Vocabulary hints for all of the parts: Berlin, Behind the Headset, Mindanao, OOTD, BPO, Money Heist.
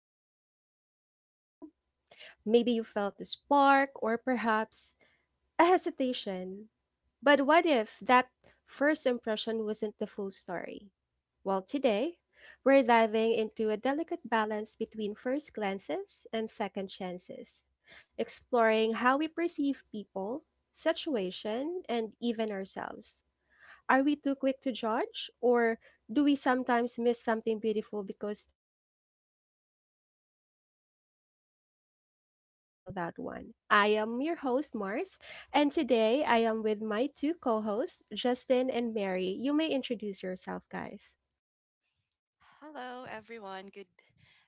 form an opinion about them? Maybe you felt a spark, or perhaps a hesitation. But what if that first impression wasn't the full story? Well, today, we're diving into a delicate balance between first glances and second chances, exploring how we perceive people, situation, and even ourselves. Are we too quick to judge, or do we sometimes miss something beautiful because we did not give it a second chance? Well, we'll go ahead and tackle that one. I am your host, Mars, and today I am with my two co-hosts, Justin and Mary. You may introduce yourself, guys. Hello, everyone. Good,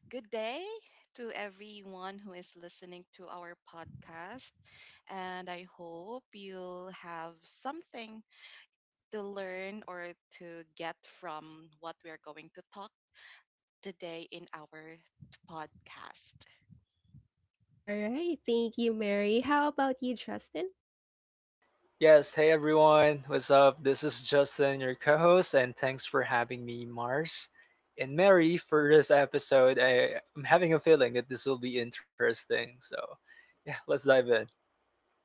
good day to everyone who is listening to our podcast. And I hope you'll have something to learn or to get from what we are going to talk today in our podcast. All right, thank you, Mary. How about you, Justin? Yes, hey everyone, what's up? This is Justin, your co host, and thanks for having me, Mars. And Mary, for this episode, I'm having a feeling that this will be interesting. So, yeah, let's dive in.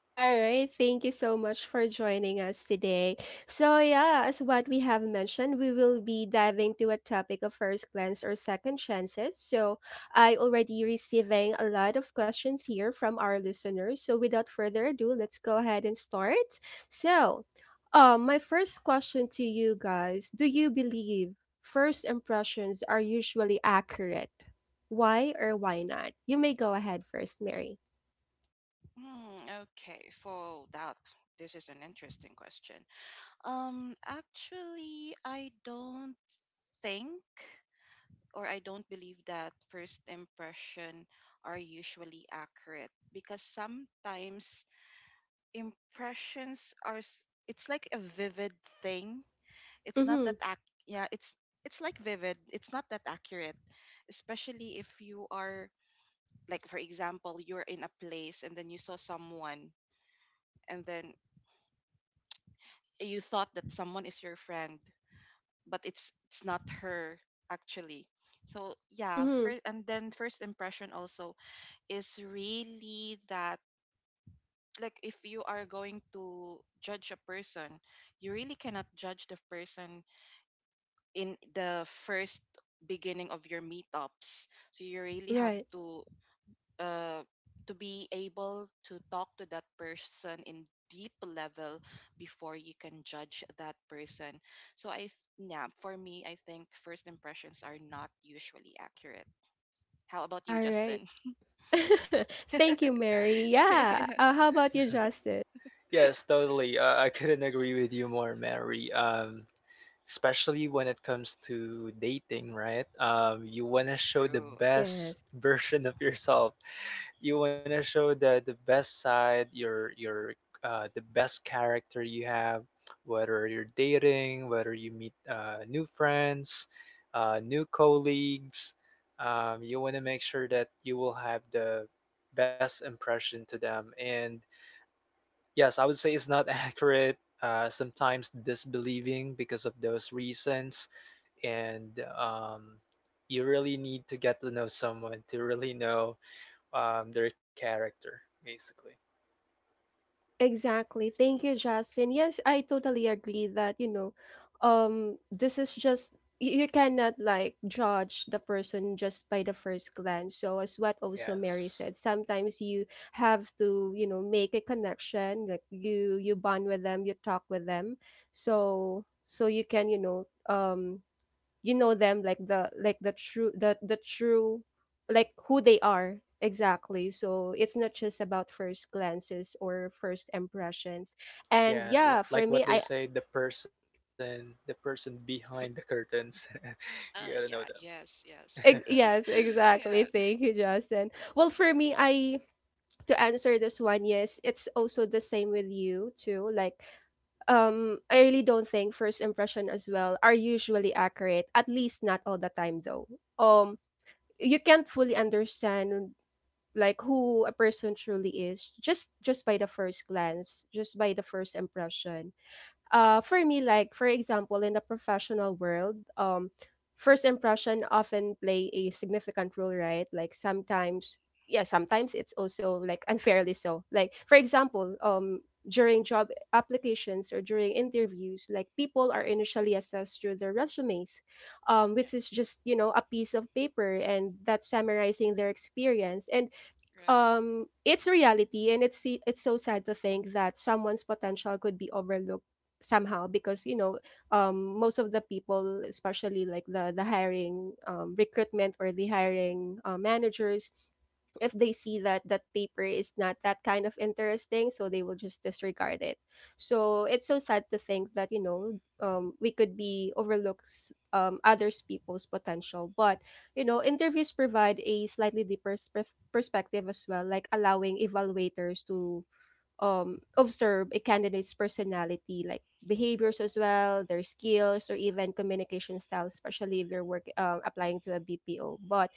All right, thank you so much for joining us today. So, yeah, as what we have mentioned, we will be diving to a topic of first glance or second chances. So, I already receiving a lot of questions here from our listeners. So, without further ado, let's go ahead and start. So, my first question to you guys, do you believe first impressions are usually accurate? Why or why not? You may go ahead first, Mary. Hmm, okay, for that, this is an interesting question. Actually, I don't think. Or I don't believe that first impression are usually accurate, because sometimes impressions are it's like a vivid thing. It's not that Mhm. Yeah, it's like vivid. It's not that accurate, especially if you are, like for example, you're in a place and then you saw someone and then you thought that someone is your friend, but it's not her actually. So yeah, Mhm. first and then first impression also is really that, like if you are going to judge a person you really cannot judge the person in the first beginning of your meetups, so you really have Right. Uh to be able to talk to that person in deep level before you can judge that person. So yeah, for me I think first impressions are not usually accurate. How about you, All right. Justin? Thank you, Yeah, Mary. Yeah. How about you, Justin? yes, totally. I couldn't agree with you more, Mary. Especially when it comes to dating, right? You want to show the true. best Yes, version of yourself. You want to show the best side, your the best character you have, whether you're dating, whether you meet new friends, new colleagues. You want to make sure that you will have the best impression to them. And yes, I would say it's not accurate. Sometimes disbelieving because of those reasons, and you really need to get to know someone to really know their character, basically. exactly. Thank you, Justin. Yes, I totally agree that, this is just you cannot like judge the person just by the first glance. So as what also Mary Yes, said, sometimes you have to, you know, make a connection, like you bond with them, you talk with them. So you can, um you know them, like the true the true, like who they are exactly. So it's not just about first glances or first impressions. And yeah, yeah, l- for like me, what they say, the person behind the for, curtains. You gotta know Yeah, them, yes, yes. Yes, exactly, Yeah, thank you, Justin. Well, for me, I to answer this one, yes, it's also the same with you too. Like, I really don't think first impression as well are usually accurate, at least not all the time though. um you can't fully understand like who a person truly is, just by the first glance, just by the first impression. For me, like, for example, in the professional world, first impression often play a significant role, right? Like sometimes, yeah, sometimes it's also like unfairly so. Like, for example, during job applications or during interviews, like people are initially assessed through their resumes, yeah, which is just a piece of paper and that's summarizing their experience. And right, it's reality, and it's it's so sad to think that someone's potential could be overlooked somehow, because most of the people, especially like the hiring recruitment or the hiring managers, if they see that that paper is not that kind of interesting, so they will just disregard it. So it's so sad to think that we could be overlooks others people's potential. But interviews provide a slightly deeper perspective as well, like allowing evaluators to observe a candidate's personality, like behaviors as well, their skills, or even communication style, especially if you're work applying to a BPO. But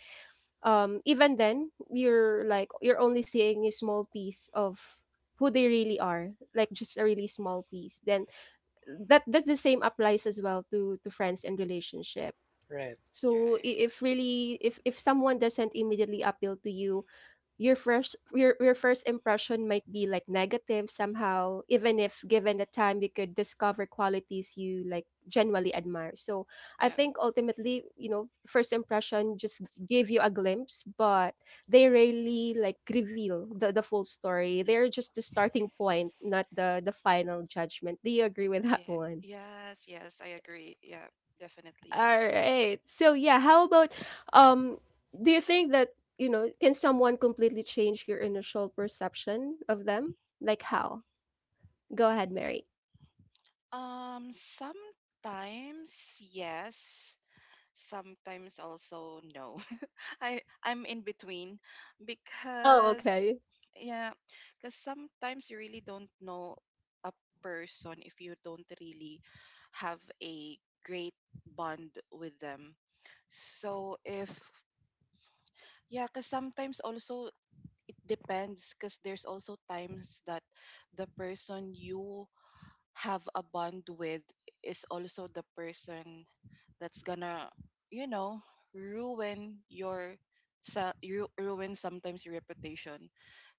even then, you're only seeing a small piece of who they really are, like just a really small piece. Then that's the same applies as well to friends and relationship. right? you're So right. I- if really if someone doesn't immediately appeal to you, your first impression might be like negative somehow, even if given the time you could discover qualities you like genuinely admire. So I Yeah, think ultimately, first impression just give you a glimpse, but they really like reveal the full story. They're just the starting point, not the final judgment. Do you agree with that yeah, one? yes, yes, I agree. Yeah, definitely. All right. So yeah, how about um do you think that, you know, can someone completely change your initial perception of them? Like how? Go ahead, Mary. Sometimes yes, sometimes also no. I'm in between, Oh, because okay. yeah, because sometimes you really don't know a person if you don't really have a great bond with them. So if, yeah, because sometimes also depends, because there's also times that the person you have a bond with is also the person that's gonna, you know, ruin your ruin sometimes your reputation.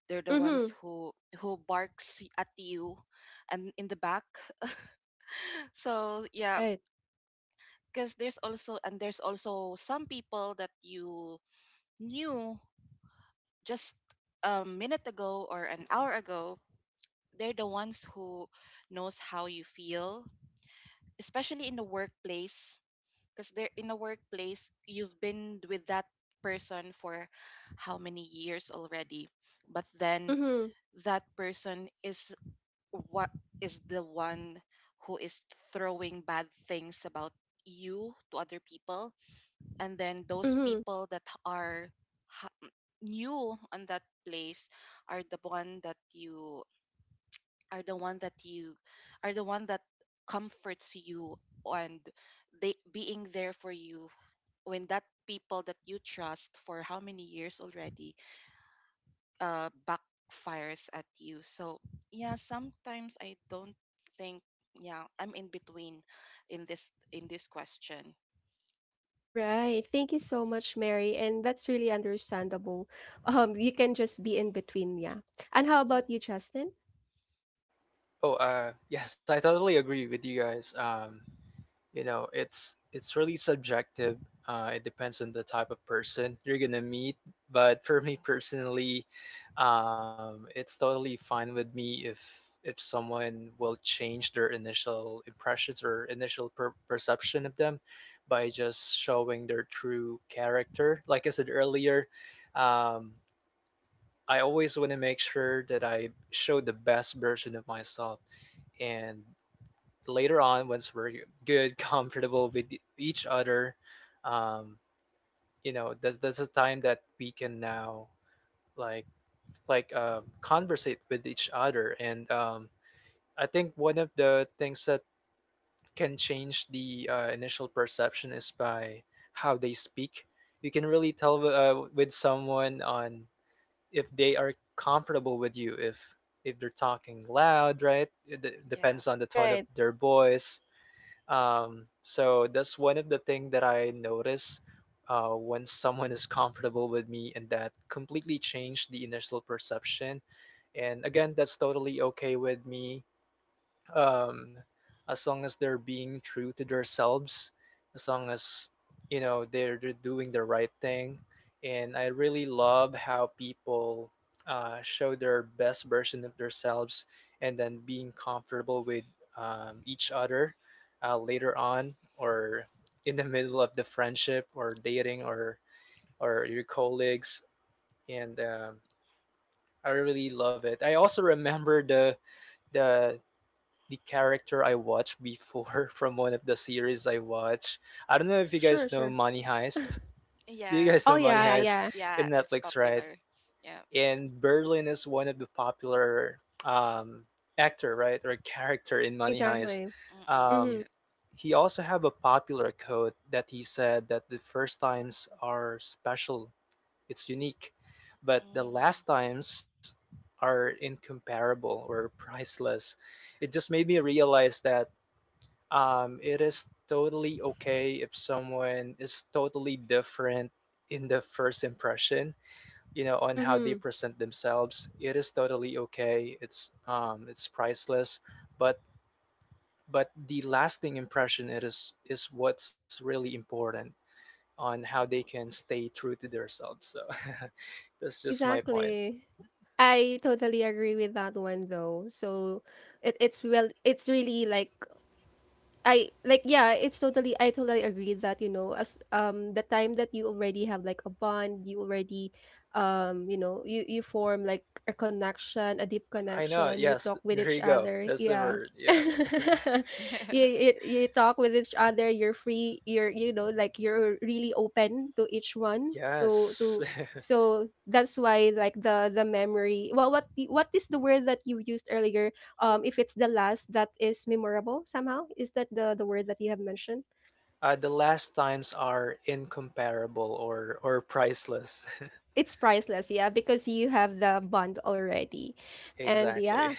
They're the ones Mhm. Who barks at you and in the back. So yeah, Right. because there's also some people that you knew just a minute ago or an hour ago, they're the ones who knows how you feel, especially in the workplace. Because they're in the workplace, you've been with that person for how many years already, but then Mhm. that person is what, is the one who is throwing bad things about you to other people, and then those Mhm. people that are ha- new on that place are the one that you are the one that you are the one that comforts you and they being there for you when that people that you trust for how many years already backfires at you. So yeah, sometimes I don't think, yeah, I'm in between in this question. Right. Thank you so much, Mary, and that's really understandable. You can just be in between, yeah. And how Yeah, about you, Justin? Oh, yes, I totally agree with you guys. You know it's really subjective, it depends on the type of person you're gonna meet, but for me personally, it's totally fine with me if someone will change their initial impressions or initial perception of them by just showing their true character, like I said earlier. Um, i always want to make sure that I show the best version of myself. And later on, once we're good, comfortable with each other, um you know, that's a time that we can now, like, conversate with each other. And I think one of the things that can change the initial perception is by how they speak. You can really tell with someone on if they are comfortable with you, if they're talking loud, right? It d- yeah. depends on the tone of Right. their voice. So that's one of the thing that I notice when someone is comfortable with me, and that completely changed the initial perception. And again, that's totally okay with me, um, as long as they're being true to themselves, as long as you know they're doing the right thing. And I really love how people show their best version of themselves and then being comfortable with each other later on, or in the middle of the friendship or dating or your colleagues. And I really love it. I also remember the the character I watched before from one of the series I watch. I don't know if you Sure, guys know sure. Money Heist. Do you guys Oh know Yes, Money yes, yeah, yeah, that's Heist yeah. yeah, in it's Netflix, right? popular. Yeah. And Berlin is one of the popular um, actor, right, or character in Money Heist. Exactly. Mm-mm, Mhm. yeah. Um, he also have a popular quote that he said that the first times are special, it's unique, but the Mm-hmm, last times are incomparable or priceless. It just made me realize that it is totally okay if someone is totally different in the first impression, you know, on how they Mhm. present themselves. It is totally okay. It's priceless, but the lasting impression it is what's really important on how they can stay true to themselves. So that's just my point. Exactly. I totally agree with that one though. So it's, well, it's really like, I like, yeah, it's totally, I totally agree that, you know, as the time that you already have like a bond, you already you form like a connection, a deep I know. connection, you Yes, talk th- with there each you go. other. That's the Yeah. word. Yeah. You, yeah. you talk with each other, you're free, you're like you're really open to each one. To, Yes. to Yeah, so that's why, like, the memory, well, what is the word that you used earlier, if it's the last that is memorable somehow? Is that the word that you have mentioned? The last times are incomparable or priceless. It's priceless, yeah, because you have the bond already. And Exactly. yeah.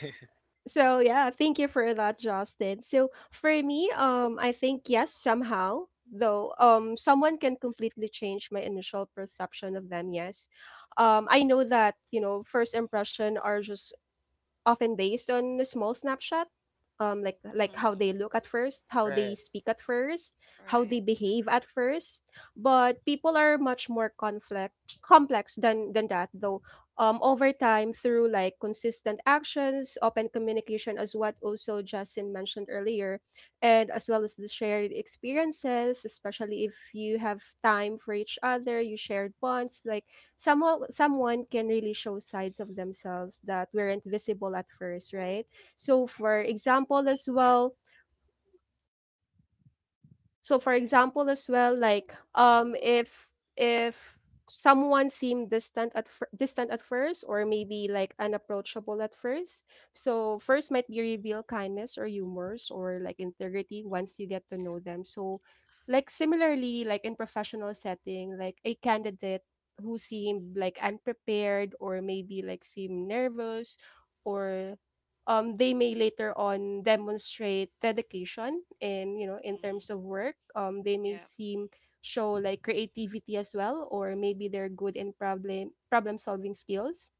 So yeah, thank you for that, Justin. So for me, I think, yes, somehow though, someone can completely change my initial perception of them, yes. I know that first impression are just often based on a small snapshot, like yeah. like how they Mm-mm, look at first, how they Right. speak at first, how they right. behave at first. But people are much more conflict complex than that though. Over time, through like consistent actions, open communication, as what also Justin mentioned earlier, and as well as the shared experiences, especially if you have time for each other, you shared bonds, like somehow someone can really show sides of themselves that weren't visible at first, right? So for example as well, so for Yeah. example as well like um if if someone seemed distant at first, or maybe like unapproachable at first, so first might be reveal kindness or humors or like integrity once you get to know them. So, like, similarly, like in professional setting, like a candidate who seemed like unprepared or maybe like seemed nervous, or they may later on demonstrate dedication. And in terms Mm-mm, of work, they may yeah. seem show like creativity as well, or maybe they're good in problem solving skills.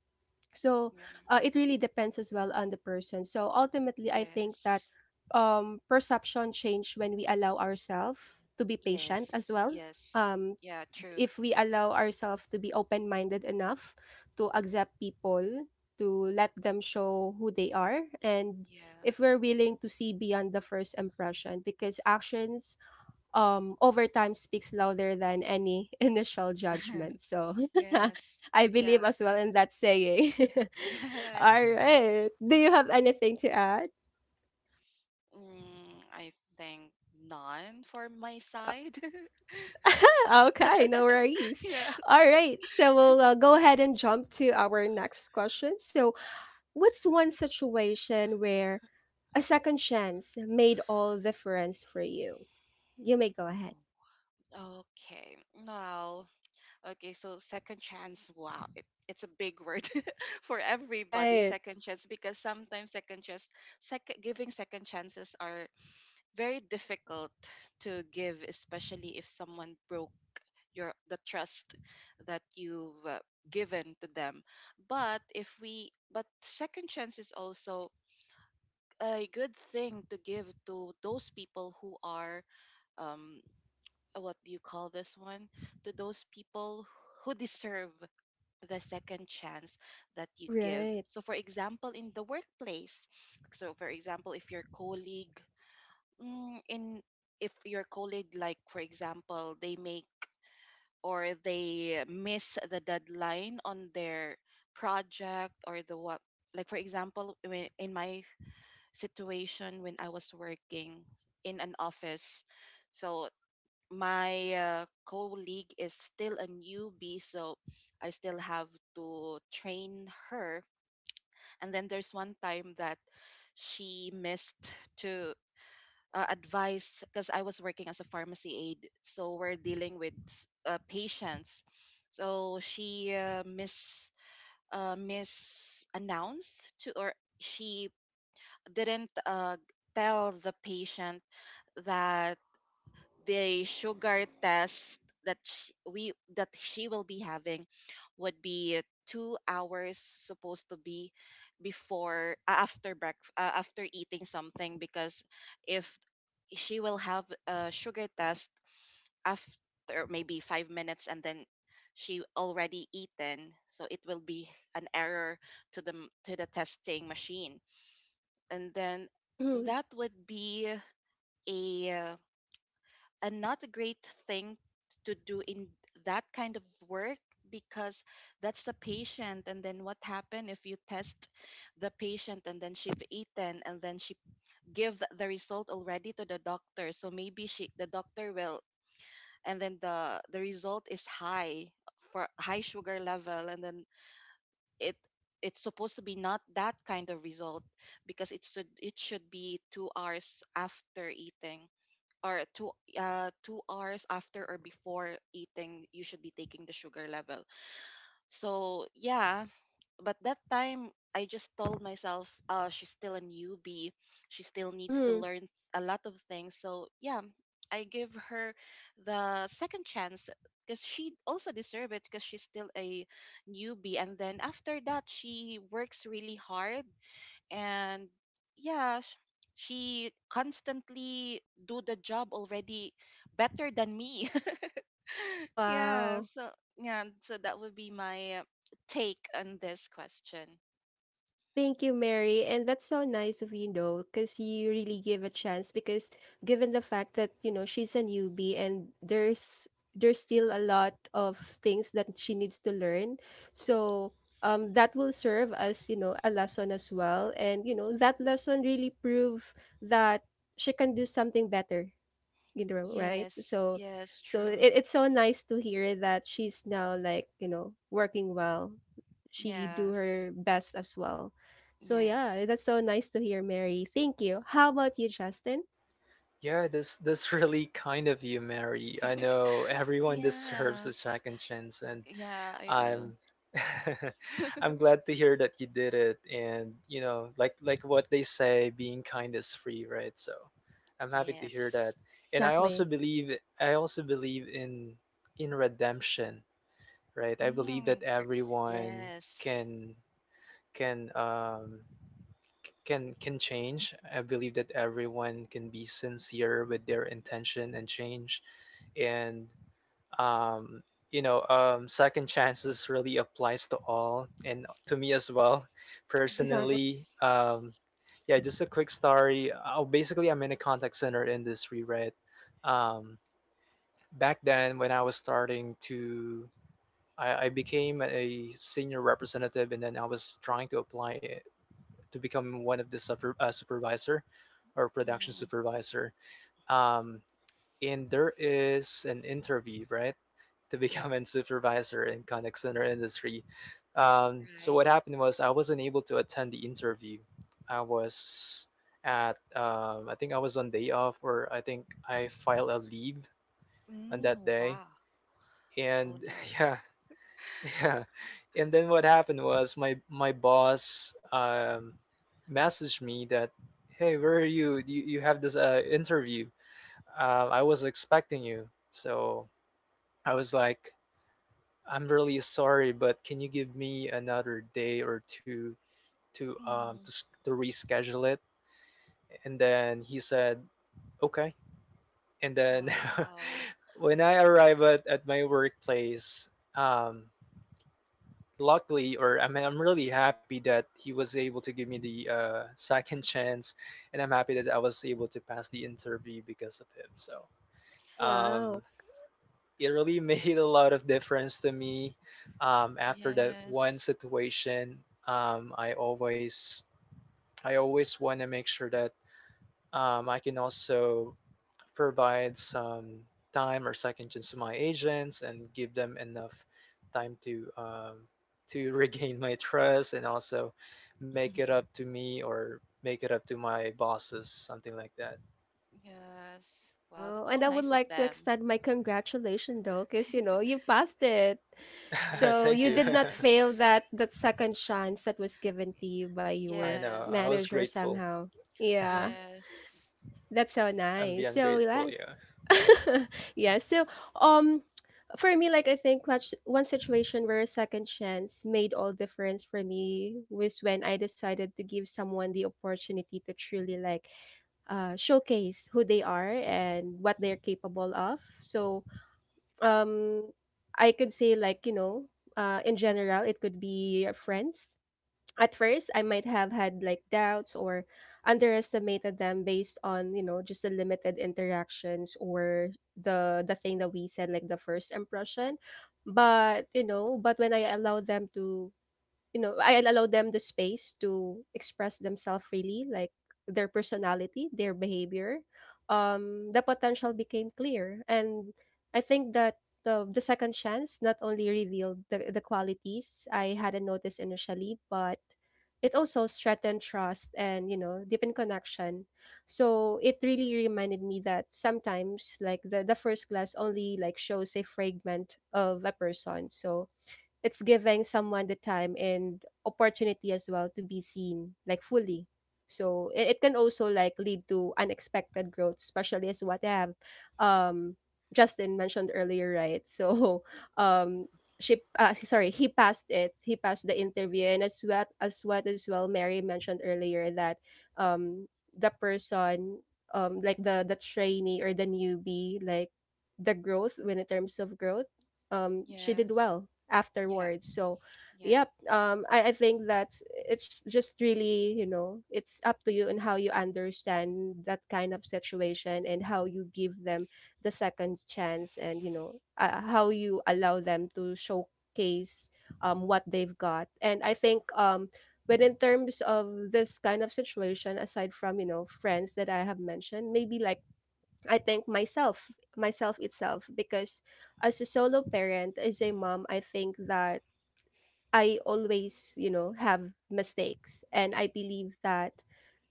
So Yeah. It really depends as well on the person. So ultimately I think that, Yes. Perception change when we allow ourselves to be patient as Yes. well, Yes. um, Yeah, true. if we allow ourselves to be open-minded enough to accept people, to let them show who they are, and Yeah. if we're willing to see beyond the first impression, because actions over time speaks louder than any initial judgment. So Yes. I Yeah. believe as well in that saying. All Yes. right. Do you have anything to add? I think none for my side. Ah, okay, no worries. Yes. All right, so we'll go ahead and jump to our next question. So, what's one situation where a second chance made all difference for you? You may go ahead. Okay. Now, okay, so second chance, wow, it's a big word for everybody. Right. Second chance, because sometimes second chance, second giving second chances are very difficult to give, especially if someone broke your the trust that you've given to them. But if we, but second chance is also a good thing to give to those people who are um what do you call this one? To those people who deserve the second chance that you give. Right. So, for example, in the workplace, so for example, if your colleague, mm, in if your colleague, like for example, they make or they miss the deadline on their project or the what, like for example, when, in my situation when I was working in an office, so my colleague is still a newbie, so I still have to train her. And then there's one time that she missed to advise, because I was working as a pharmacy aide, so we're dealing with patients. So she misannounced to, or she didn't tell the patient that the sugar test that sh we that she will be having would be 2 hours, supposed to be before after eating something, because if she will have a sugar test after maybe 5 minutes and then she already eaten, so it will be an error to the to the testing machine, and then Mm-hmm. that would be a a not a great thing to do in that kind of work, because that's the patient. And then what happened if you test the patient and then she've eaten and then she give the result already to the doctor, so maybe she the doctor will, and then the result is high for high sugar level, and then it it's supposed to be not that kind of result, because it should be 2 hours after eating, or 2 hours after or before eating, you should be taking the sugar level. So yeah, but that time I just told myself, uh, she's still a newbie, she still needs to Mm-hmm. learn a lot of things. So yeah, I give her the second chance because she also deserve it, because she's still a newbie. And then after that she works really hard, and yeah, she constantly do the job already better than me. yeah, Wow. so yeah, so that would be my take on this question. Thank you, Mary. And that's so nice of you, because you really give a chance. Because given the fact that she's a newbie, and there's still a lot of things that she needs to learn, so that will serve as a lesson as well. And that lesson really prove that she can do something better, right. Yes, so yes, so it, true. it's so nice to hear that she's now, like, working well. She do Yes, her best as well. So yes, yeah, that's so nice to hear, Mary, thank you. How about you, Justin? Yeah, this really kind of you, Mary. I know everyone deserves a yes. second chance, and Yeah, I do. I'm I'm glad to hear that you did it, and you know, like what they say, being kind is free, right? So I'm happy to hear yes. that. And I also Exactly. believe I also believe in redemption, right? I believe mm, that gr- everyone yes. can can um can change. I believe that everyone can be sincere with their intention and change. And um, second chances really applies to all, and to me as well, Exactly. personally. Yes. Yeah, just a quick story. Basically, I'm in a contact center industry, right? Um, back then, when I was starting to, I became a senior representative, and then I was trying to apply it to become one of the supervisor or production mm, supervisor. Um, and there is an interview, right, to yep. become a supervisor in contact center industry. So Right. what happened was I wasn't able to attend the interview. I was I think I was on day off, or I think I filed a leave on that day, wow. Oh and no. yeah, yeah. And then what happened was my boss messaged me that, hey, where are you? You have this interview. I was expecting you. So I was like, I'm really sorry, but can you give me another day or two to Mm, reschedule it? And then he said, okay. And then wow. when I arrive at my workplace, um, luckily, or I mean, I'm really happy that he was able to give me the second chance, and I'm happy that I was able to pass the interview because of him. So, um, Wow. it really made a lot of difference to me. After that one Yes. situation, um, I always I always want to make sure that I can also provide some time or second chance to my agents and give them enough time to regain my trust, and also make it up to me or make it up to my bosses, something like that. Yes. Wow, Wow, that's so and I would nice of like to them. extend my congratulations though, because you passed it, so Thank you you. did not fail Yes. that second chance that was given to you by I your know. I was Yes. manager grateful. somehow, yeah. Yes. That's so I'm nice. beyond So grateful. like, Yeah. yeah, so um for me, like, I think much one situation where a second chance made all difference for me was when I decided to give someone the opportunity to truly like showcase who they are and what they're capable of. So um I could say, like, you know, in general it could be friends. At first I might have had like doubts or underestimated them based on, you know, just the limited interactions or the thing that we said, like the first impression. But you know, but when I allow them to, you know, I allow them the space to express themselves freely, like their personality, their behavior. The potential became clear, and I think that the second chance not only revealed the qualities I hadn't noticed initially, but it also strengthened trust and you know deepened connection. So it really reminded me that sometimes like the first glass only like shows a fragment of a person. So it's giving someone the time and opportunity as well to be seen like fully, so it can also like lead to unexpected growth, especially as what I have um Justin mentioned earlier, right. So um she, sorry, he passed the interview. And as well Mary mentioned earlier that um the person, like the trainee or the newbie, like the growth, when in terms of growth, she did Yes. well Yeah. afterwards. So, Yeah. yep, I think that it's just really, you know, it's up to you and how you understand that kind of situation and how you give them the second chance. And, you know, how you allow them to showcase what they've got. And I think, but in terms of this kind of situation, aside from, you know, friends that I have mentioned, maybe like I think myself itself, because as a solo parent, as a mom, I think that I always, you know, have mistakes. And I believe that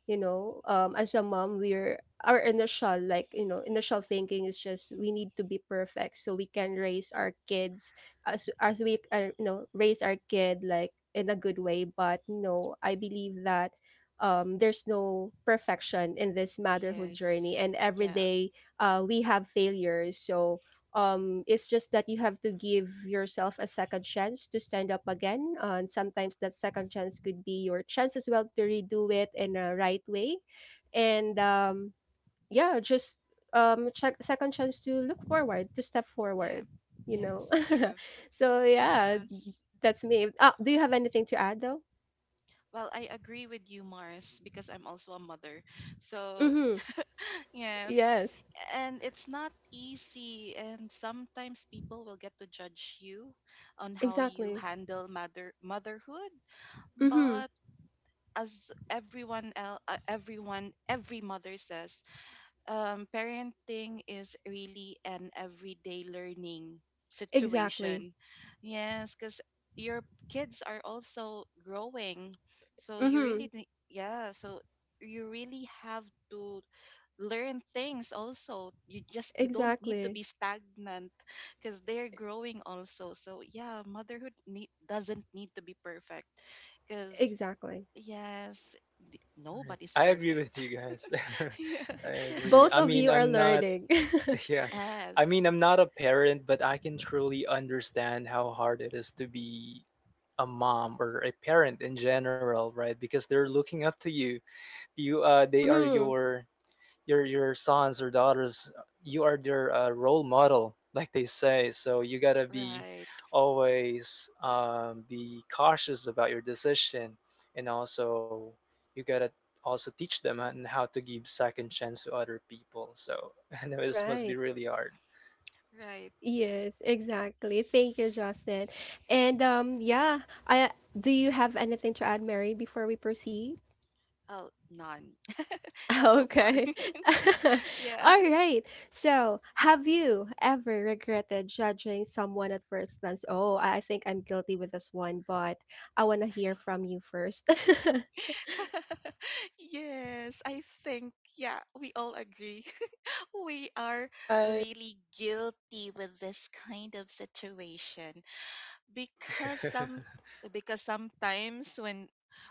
you know as a mom, we're our initial, like, you know, initial thinking is just we need to be perfect so we can raise our kids as we, you know, raise our kid like in a good way. But no, I believe that there's no perfection in this motherhood journey, Yes. and every Yeah. day we have failures. So it's just that you have to give yourself a second chance to stand up again, and sometimes that second chance could be your chance as well to redo it in a right way. And yeah, just check second chance to look forward to step Yeah. forward, you know. Yes. True. So yeah, Yes. that's me. Oh, do you have anything to add though? Well, I agree with you, Mars, because I'm also a mother. So Mm-hmm. yes. Yes. And it's not easy. And sometimes people will get to judge you on how you Exactly. handle motherhood. Mm-hmm. But as every mother says, parenting is really an everyday learning Exactly. situation. Yes, because your kids are also growing. So you Mm-hmm. really, yeah, so you really have to learn things also. You just you don't need to Exactly. be stagnant because they're growing also. So yeah, doesn't need to be perfect, because Exactly. yes, Right. nobody's I agree with perfect. you guys. yeah. I agree. Both I of mean, you are I'm not, learning. yeah, I Yes, mean, I'm not a parent, but I can truly understand how hard it is to be a mom or a parent in general, right? Because they're looking up to you. They are Mm-hmm. your sons or daughters. You are their role model, like they say. So you gotta be right, always be cautious about your decision. And also you gotta also teach them on how to give second chance to other people. So I know this must be Right. really hard. right. Yes, exactly. Thank you, Justin. And yeah, I do you have anything to add, Mary, before we proceed? Oh, none. none so far. Okay. yeah. All right. So, have you ever regretted judging someone at first glance? Oh, I think I'm guilty with this one, but I want to hear from you first. yes, I think yeah, we all agree we are Right. really guilty with this kind of situation. Because some because sometimes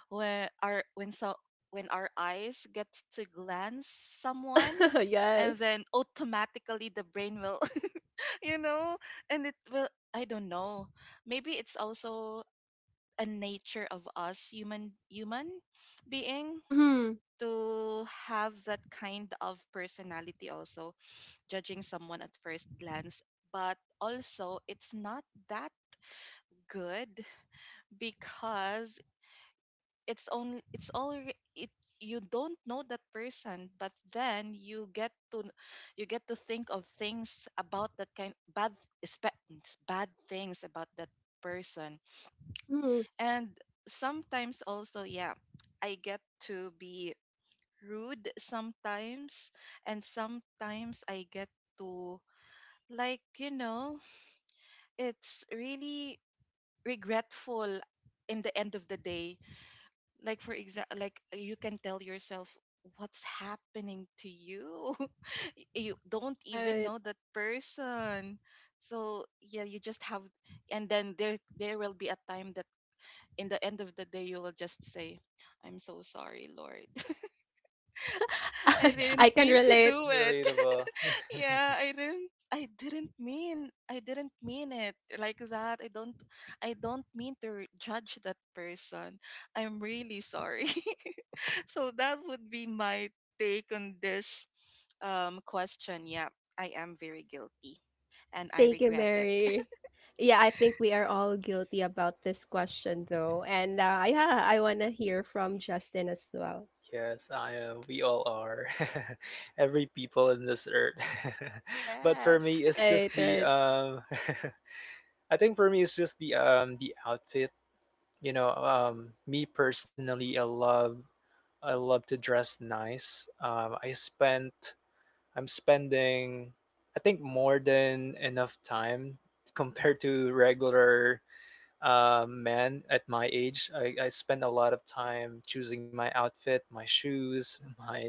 when our when so when our eyes get to glance someone, and Yes. then automatically the brain will, you know, and it will, I don't know, maybe it's also a nature of us human being Mhm. to have that kind of personality also, judging someone at first glance. But also it's not that good, because it's only it's all it you don't know that person, but then you get to, you get to think of things about that kind bad espe- bad things about that person. Mm-hmm. Hmm. And sometimes also, yeah, I get to be rude sometimes, and sometimes I get to, like, you know, it's really regretful in the end of the day. Like for example, like you can tell yourself, what's happening to you? you don't even Right. know that person. So yeah, you just have, and then there will be a time that in the end of the day you will just say, I'm so sorry, Lord. I I, didn't I can mean to relate. do it. Relatable. Yeah, I didn't mean it like that. I don't mean to judge that person. I'm really sorry. So that would be my take on this question. Yeah, I am very guilty and I Thank you, regret it. Mary. Yeah, I think we are all guilty about this question, though. And yeah, I want to hear from Justin as well. Yes, I am. We all are. Every people in this earth. But for Yes. me it's Right, just the right. I think for me it's just the outfit. You know, me personally, I love to dress nice. I'm spending, I think, more than enough time compared to regular man at my age. I spend a lot of time choosing my outfit, my shoes, my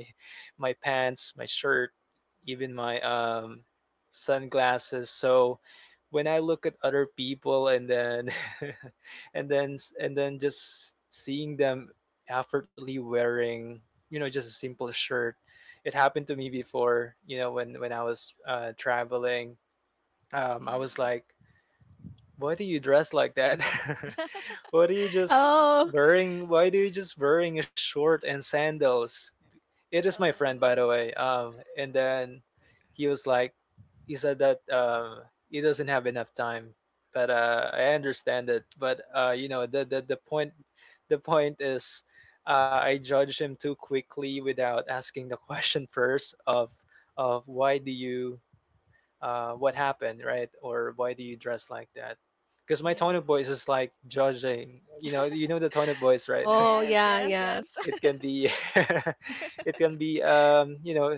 my pants, my shirt, even my sunglasses. So when I look at other people, and then and then just seeing them effortlessly wearing, you know, just a simple shirt. It happened to me before, you know, when I was traveling. I was Mm. like, why do you dress like that? Why do you just Oh, wearing? Why do you just wearing a short and sandals? It is my friend, by the Oh, way. And then he was like, he said that he doesn't have enough time, but I understand it. But you know, the point is, I judged him too quickly without asking the question first of why do you what happened, right? Or why do you dress like that? Because my tone of yeah. voice is like judging. You know the tone of voice, right? oh, Yes, yeah, yes, yeah. yes. It can be, it can be,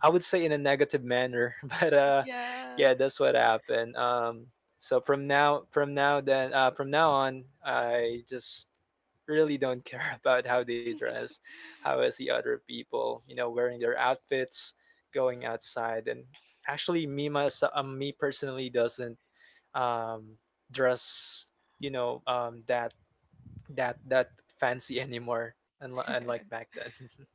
I would say, in a negative manner, but Yeah. yeah, that's what happened. So from now on, I just really don't care about how they dress, how I see other people, wearing their outfits, going outside. And actually, me personally doesn't um, dress, you know, um, that that fancy anymore, unlike back then.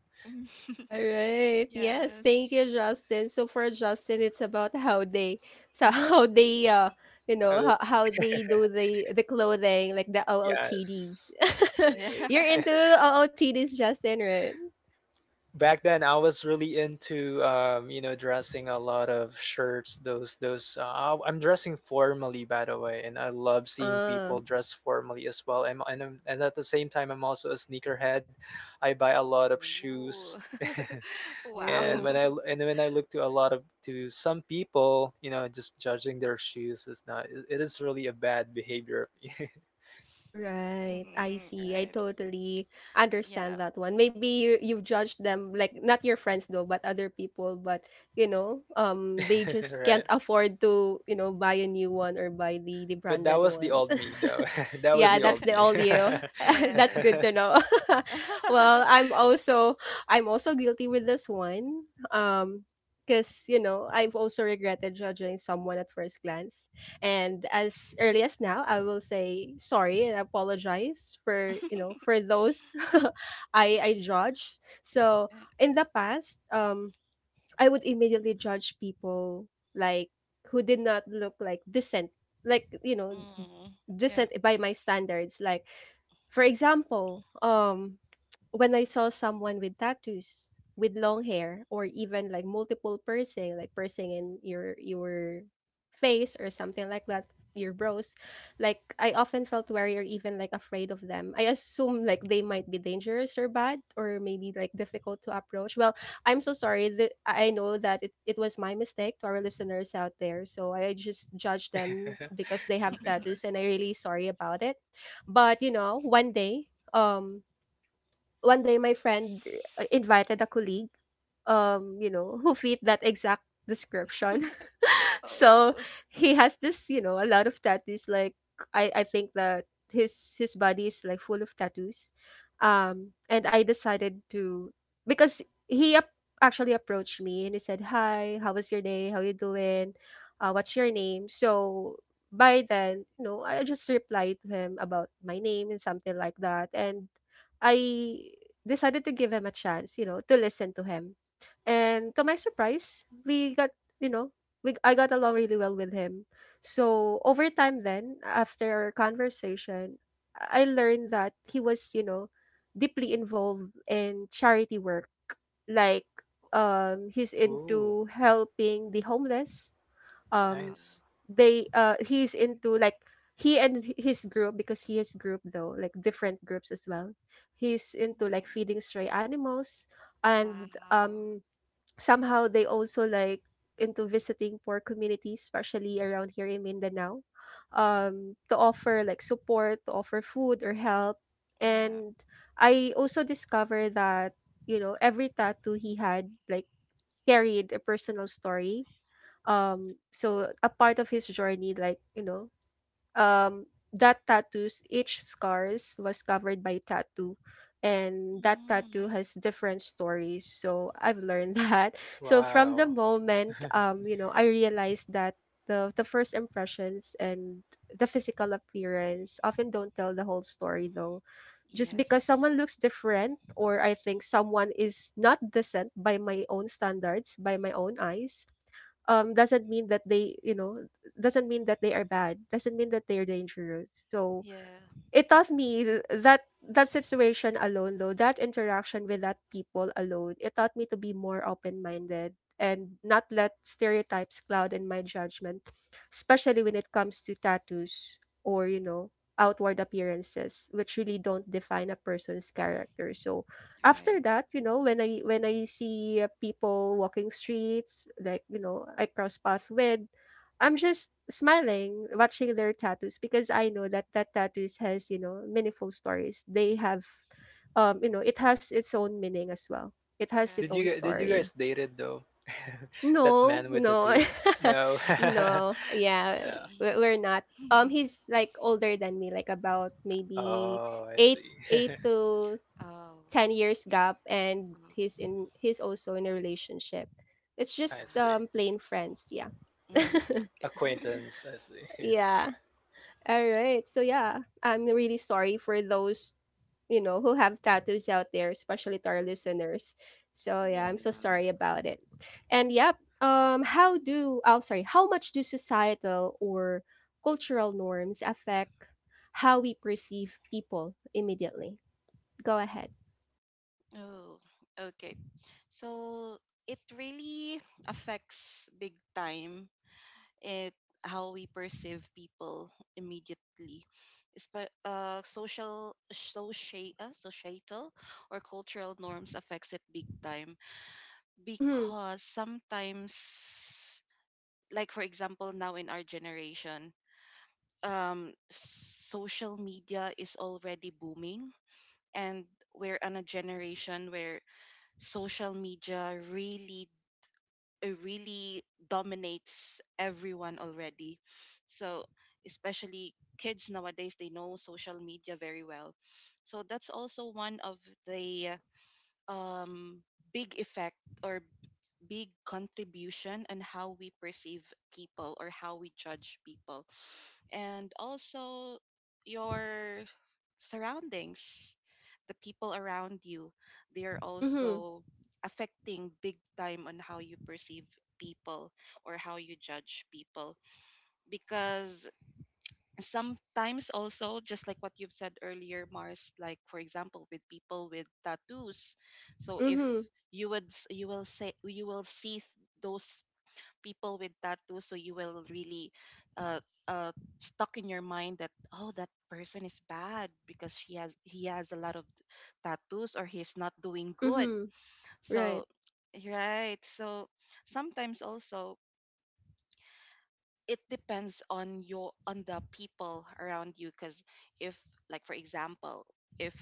All right. Yes, thank you, Yes. Justin. So for Justin, it's about how they, so how they, Oh, how they do the clothing, like the OOTDs. yes. Yeah. You're into OOTDs, Justin, right? Back then I was really into dressing a lot of shirts. Those, I'm dressing formally, by the way, and I love seeing Uh, people dress formally as well. And at the same time, I'm also a sneakerhead. I buy a lot of shoes. Ooh. Wow. And oh. when I, look to a lot of to some people, just judging their shoes, is not it it is really a bad behavior of me. Right. I Mm, see. I right. totally Yeah. understand that one. Maybe you've judged them like not your friends though, but other people, but you know, they just Right, can't afford to, you know, buy a new one or buy the but that branded was the one. old me, though. That was Yeah, the old that's the me. all you. That's good to Yes. know. Well, I'm also guilty with this one, Um because you know I've also regretted judging someone at first glance, and as early as now I will say sorry and apologize for, you know, for those. I judge. So in the past, I would immediately judge people, like, who did not look like decent, like, you know, Mm, yeah. decent by my standards, like, for example, when I saw someone with tattoos, with long hair, or even like multiple piercing, like piercing in your face or something like that, your brows, like I often felt wary or even like afraid of them. I assume like they might be dangerous or bad or maybe like difficult to approach. Well, I'm so sorry that I know that it was my mistake to our listeners out there. So I just judged them because they have The tattoos scanner. and I really sorry about it. But you know, um one day my friend, invited a colleague, you know, who fit that exact description. So Oh, he has this, you know, a lot of tattoos, like, I think that his body is like full of tattoos. And I decided to, because he actually approached me and he said, hi, how was your day, how you doing, what's your name? So by then, you know, I just replied to him about my name and something like that. And I decided to give him a chance, you know, to listen to him. And to my surprise, we got you know we I got along really well with him. So over time then, after our conversation, I learned that he was, you know, deeply involved in charity work. Like, he's Ooh, into helping the homeless. Um wow. nice. they he's into like he and his group, because he has group though, like different groups as well. He's into like Mm, feeding stray animals, and wow. Somehow they also like into visiting poor communities, especially around here in Mindanao, to offer like support, to offer food or help. Yeah. And I also discovered that, you know, every tattoo he had like carried a personal story, so a part of his journey, like, you know, um that tattoos, each scars was covered by tattoo, and that tattoo Mm, has different stories. So I've learned that. So from the Wow. moment, you know, I realized that the first impressions and the physical appearance often don't tell the whole story, though. Just because yes. someone looks different, or I think someone is not decent by my own standards, by my own eyes, doesn't mean that they, you know, doesn't mean that they are bad, doesn't mean that they're dangerous. So Yeah. it taught me, that that situation alone though, that interaction with that people alone, it taught me to be more open-minded and not let stereotypes cloud in my judgment, especially when it comes to tattoos, or, you know, outward appearances, which really don't define a person's character. So after Right. that, you know, when I see, people walking streets, like, you know, I cross path with, I'm just smiling watching their tattoos because I know that that tattoos has, you know, meaningful stories. They have, you know, it has its own meaning as well. It has its Did Right. you own did you story. guys dated though? That No, man with no. tattoos. No. No. Yeah, Yeah. we're not. Um he's like older than me, like, about maybe Oh, I 8 see. 8 to Oh. 10 years gap, and Oh. he's also in a relationship. It's I just see. Oh. Plain friends, yeah. Mm, okay. Acquaintance. I see. Yeah. All right. So yeah, I'm really sorry for those, you know, who have tattoos out there, especially to our listeners. So yeah, Yeah. I'm so sorry about it. And yep, how do, oh, sorry, how much do societal or cultural norms affect how we perceive people immediately? Go ahead. Oh, okay. So it really affects big time, it how we perceive people immediately. Societal or cultural norms affects it big time, Mhm. because sometimes, like for example, now in our generation, social media is already booming, and we're on a generation where social media really really dominates everyone already. So, especially kids nowadays, they know social media very well. So, that's also one of the um, big effect or big contribution on how we perceive people or how we judge people. And also your surroundings, the people around you, they are Mhm. also affecting big time on how you perceive people or how you judge people. Because sometimes also, just like what you've said earlier, Mars, like for example, with people with tattoos. So if Mhm. you would s- you will say you will see those people with tattoos, so you will really uh, uh, stuck in your mind that, oh, that person is bad because she has he has a lot of tattoos, or he's not doing good, Mhm. Right. so right, so sometimes also, it depends on your on the people around you, because if like for example, if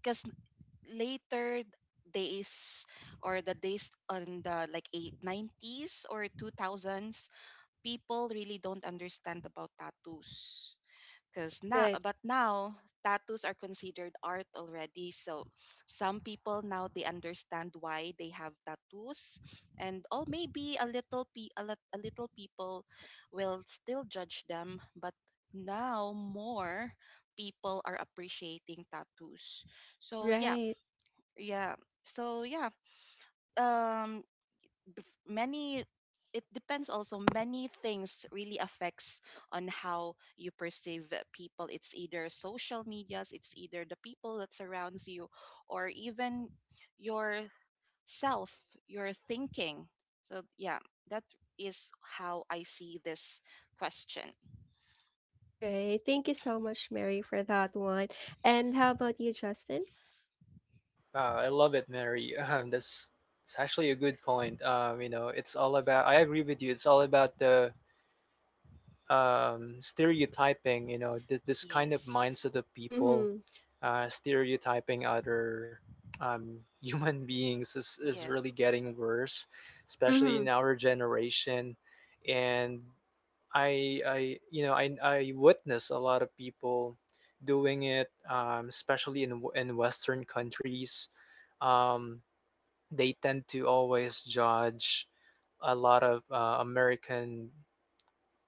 because later days, or the days on the like eight nineties or 2000s, people really don't understand about tattoos. because now Right. but now tattoos are considered art already, so some people now they understand why they have tattoos and all. Maybe a little pe- a, lit- a little people will still judge them, but now more people are appreciating tattoos, so yeah, Right. yeah. So yeah, um bef- many it depends also, many things really affects on how you perceive people. It's either social medias, it's either the people that surrounds you, or even yourself, your thinking. So yeah, that is how I see this question. Right. Thank you so much, Mary, for that one. And how about you, Justin? Wow, I love it, Mary. That's it's actually a good point. You know, it's all about. I agree with you. It's all about the stereotyping, you know, this kind of Yes. mindset of people Mm-hmm. Stereotyping other human beings is Yeah. really getting worse, especially Mhm. in our generation. And you know, I witness a lot of people doing it, especially in in Western countries. Um, they tend to always judge a lot of American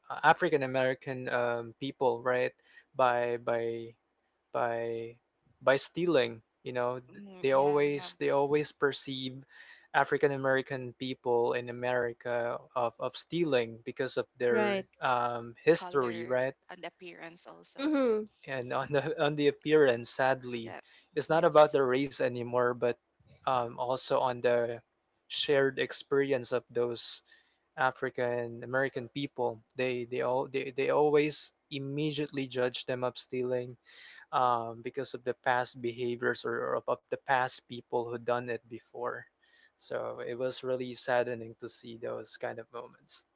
African American people, right? By by by by stealing, you know, Mm, yeah, yeah. They always perceive African American people in America of stealing because of their Right. History, Color right? and appearance also. Mhm. And on the on the appearance, sadly Yeah. it's not about the Yes. race anymore, but also on the shared experience of those African American people. They always immediately judge them of stealing, because of the past behaviors, or of the past people who done it before. So it was really saddening to see those kind of moments.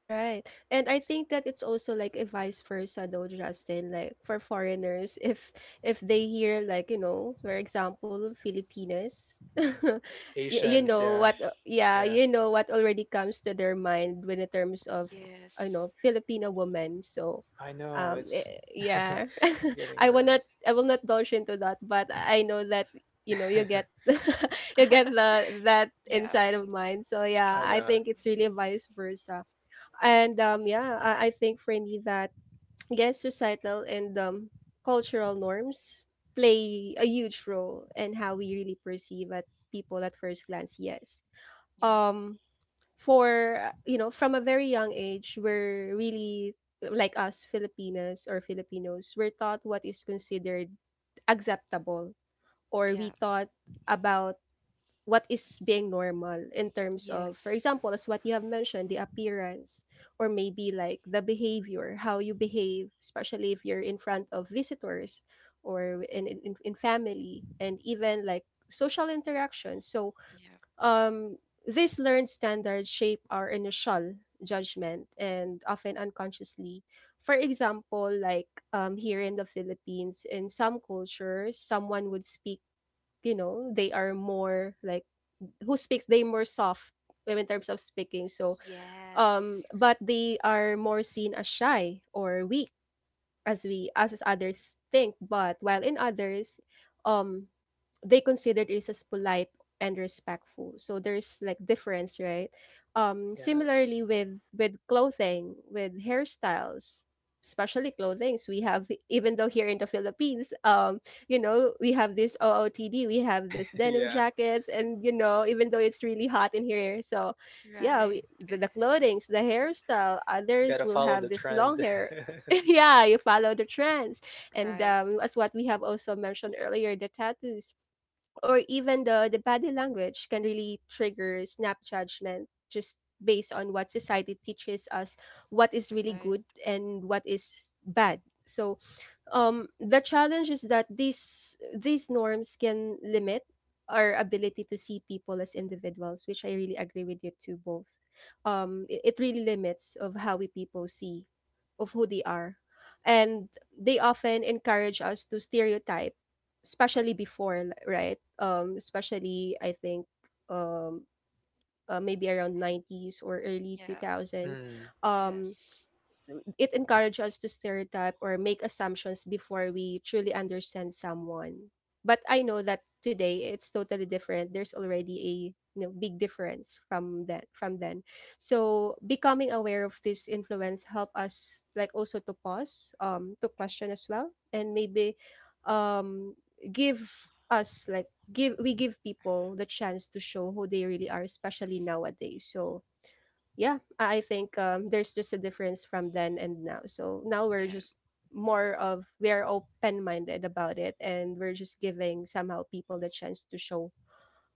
Right. And I think that it's also like a vice versa though, Justin. Like for foreigners, if they hear, like, you know, for example, Filipinas, you Asians, know yeah. what, yeah, Yeah, you know what already comes to their mind when in terms of, you Yes. know, Filipino women. So I know um it's eh, yeah. it's getting I will not worse. I will not dodge into that, but I know that, you know, you get you get the that Yeah. inside of mine. So yeah, I I know. think it's really vice versa. And yeah, I think for me that I guess societal and, cultural norms play a huge role in how we really perceive at people at first glance. Yes. Yeah. Um, for you know, from a very young age, we're really like us Filipinas or Filipinos, we're taught what is considered acceptable, or Yeah. we thought about what is being normal in terms of, for Yes. example, as what you have mentioned, the appearance, or maybe like the behavior, how you behave, especially if you're in front of visitors or in family and even like social interactions. So Yeah. um these learned standards shape our initial judgment and often unconsciously. For example, like here in the Philippines, in some cultures someone would speak, you know, they are more like who speaks they more soft in terms of speaking. So Yes. but they are more seen as shy or weak, as we, as others think, but while in others, um they consider this as polite and respectful. So there's like difference, right? Yes. similarly with clothing, with hairstyles, especially clothings we have, even though here in the Philippines, you know, we have this OOTD, we have this denim Yeah. jackets, and you know, even though it's really hot in here. So yeah, we, Right. the clothings, the hairstyle, others Gotta will follow have the this long trend. hair. Yeah, you follow the trends. And Right. As what we have also mentioned earlier, the tattoos or even the body language can really trigger snap judgment just based on what society teaches us what is really Right. good and what is bad. So the challenge is that these norms can limit our ability to see people as individuals, which I really agree with you to both. It really limits of how we people see of who they are, and they often encourage us to stereotype, especially right? Especially I think, um, maybe around nineties or early two Yeah. thousand. Mm. Um, Yes. it encourages us to stereotype or make assumptions before we truly understand someone. But I know that today it's totally different. There's already a, you know, big difference from that from then. So becoming aware of this influence help us like also to pause, to question as well, and maybe um give us like give people the chance to show who they really are, especially nowadays. So yeah, I think there's just a difference from then and now. So now we're Yeah. just more of we're open minded about it, and we're just giving somehow people the chance to show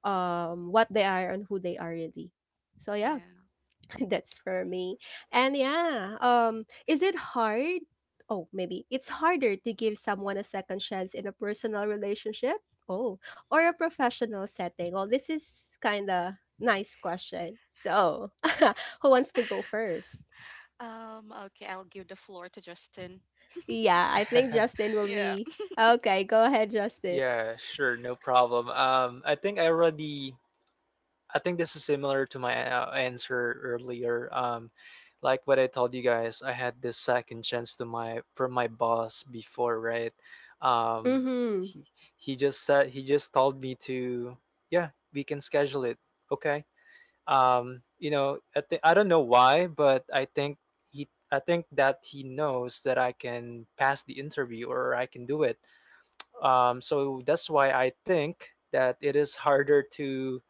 what they are and who they are really. So yeah, Yeah. that's for me. And yeah, is it hard? Oh, maybe it's harder to give someone a second chance in a personal relationship. Oh, or a professional setting. Well, this is kind of nice question. So, who wants to go first? Okay, I'll give the floor to Justin. Yeah, I think Justin will Yeah. be okay. Go ahead, Justin. Yeah, sure, no problem. I think this is similar to my answer earlier. Like what I told you guys, I had this second chance to my from my boss before, right? Um, Mm-hmm. he he just said he just told me to, yeah, we can schedule it. Okay, you know I don't know why, but I think he I think that he knows that I can pass the interview, or I can do it, so that's why I think that it is harder to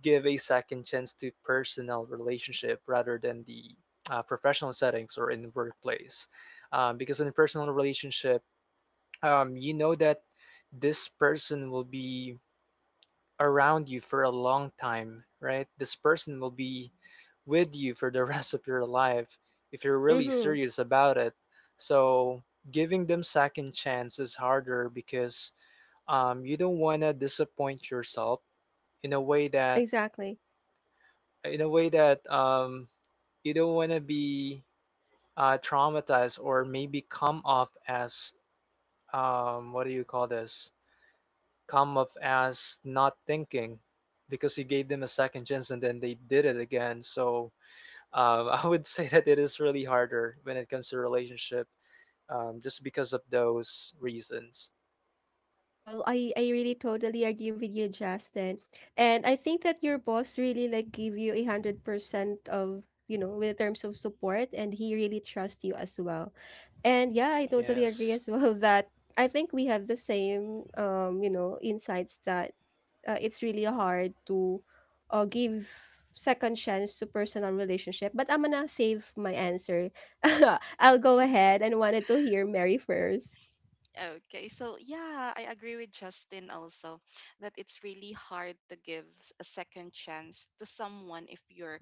give a second chance to personal relationship rather than the professional settings or in the workplace, because in a personal relationship you know that this person will be around you for a long time, right? This person will be with you for the rest of your life if you're really Mm-hmm. serious about it. So giving them second chance is harder, because you don't want to disappoint yourself in a way that Exactly. in a way that um, you don't want to be traumatized, or maybe come off as what do you call this come off as not thinking, because you gave them a second chance and then they did it again. So I would say that it is really harder when it comes to relationship, just because of those reasons. Well, I really totally agree with you, Justin. And I think that your boss really like give you 100% of, you know, with terms of support, and he really trusts you as well. And yeah, I totally agree Yes, as well that I think we have the same you know, insights that it's really hard to give second chance to personal relationship. But I'm gonna save my answer. I'll go ahead and wanted to hear Mary first. Okay, so yeah, I agree with Justin also, that it's really hard to give a second chance to someone if you're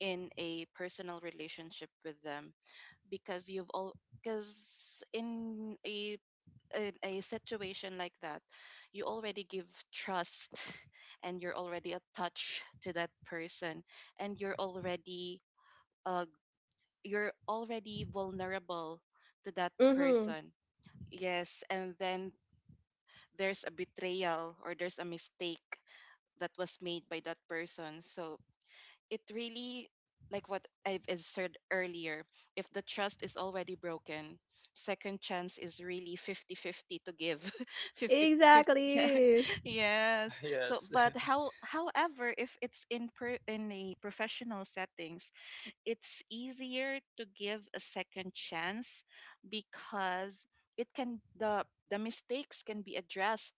in a personal relationship with them, because you've all because in a situation like that, you already give trust, and you're already attached to that person, and uh you're already vulnerable to that Mm-hmm. person. Yes, and then there's a betrayal, or there's a mistake that was made by that person. So, it really like what I've said earlier, if the trust is already broken, second chance is really 50/50 to give. 50/50, yeah. Exactly. Yes. So yes. but however, if it's in the professional settings, it's easier to give a second chance, because it can the mistakes can be addressed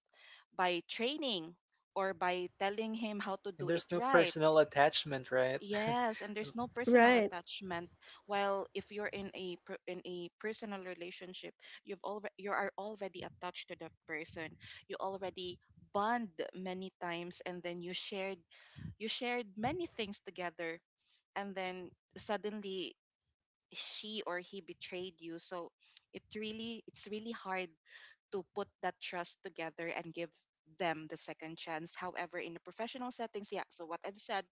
by training, or by telling him how to And do it there's no right. personal attachment, right? Yes, and there's no personal Right. attachment. While if you're in a in a personal relationship, you are already attached to that person. You already bond many times, and then you shared many things together, and then suddenly she or he betrayed you. So it's really hard to put that trust together and give them the second chance. However, in the professional settings, yeah. So what I've said,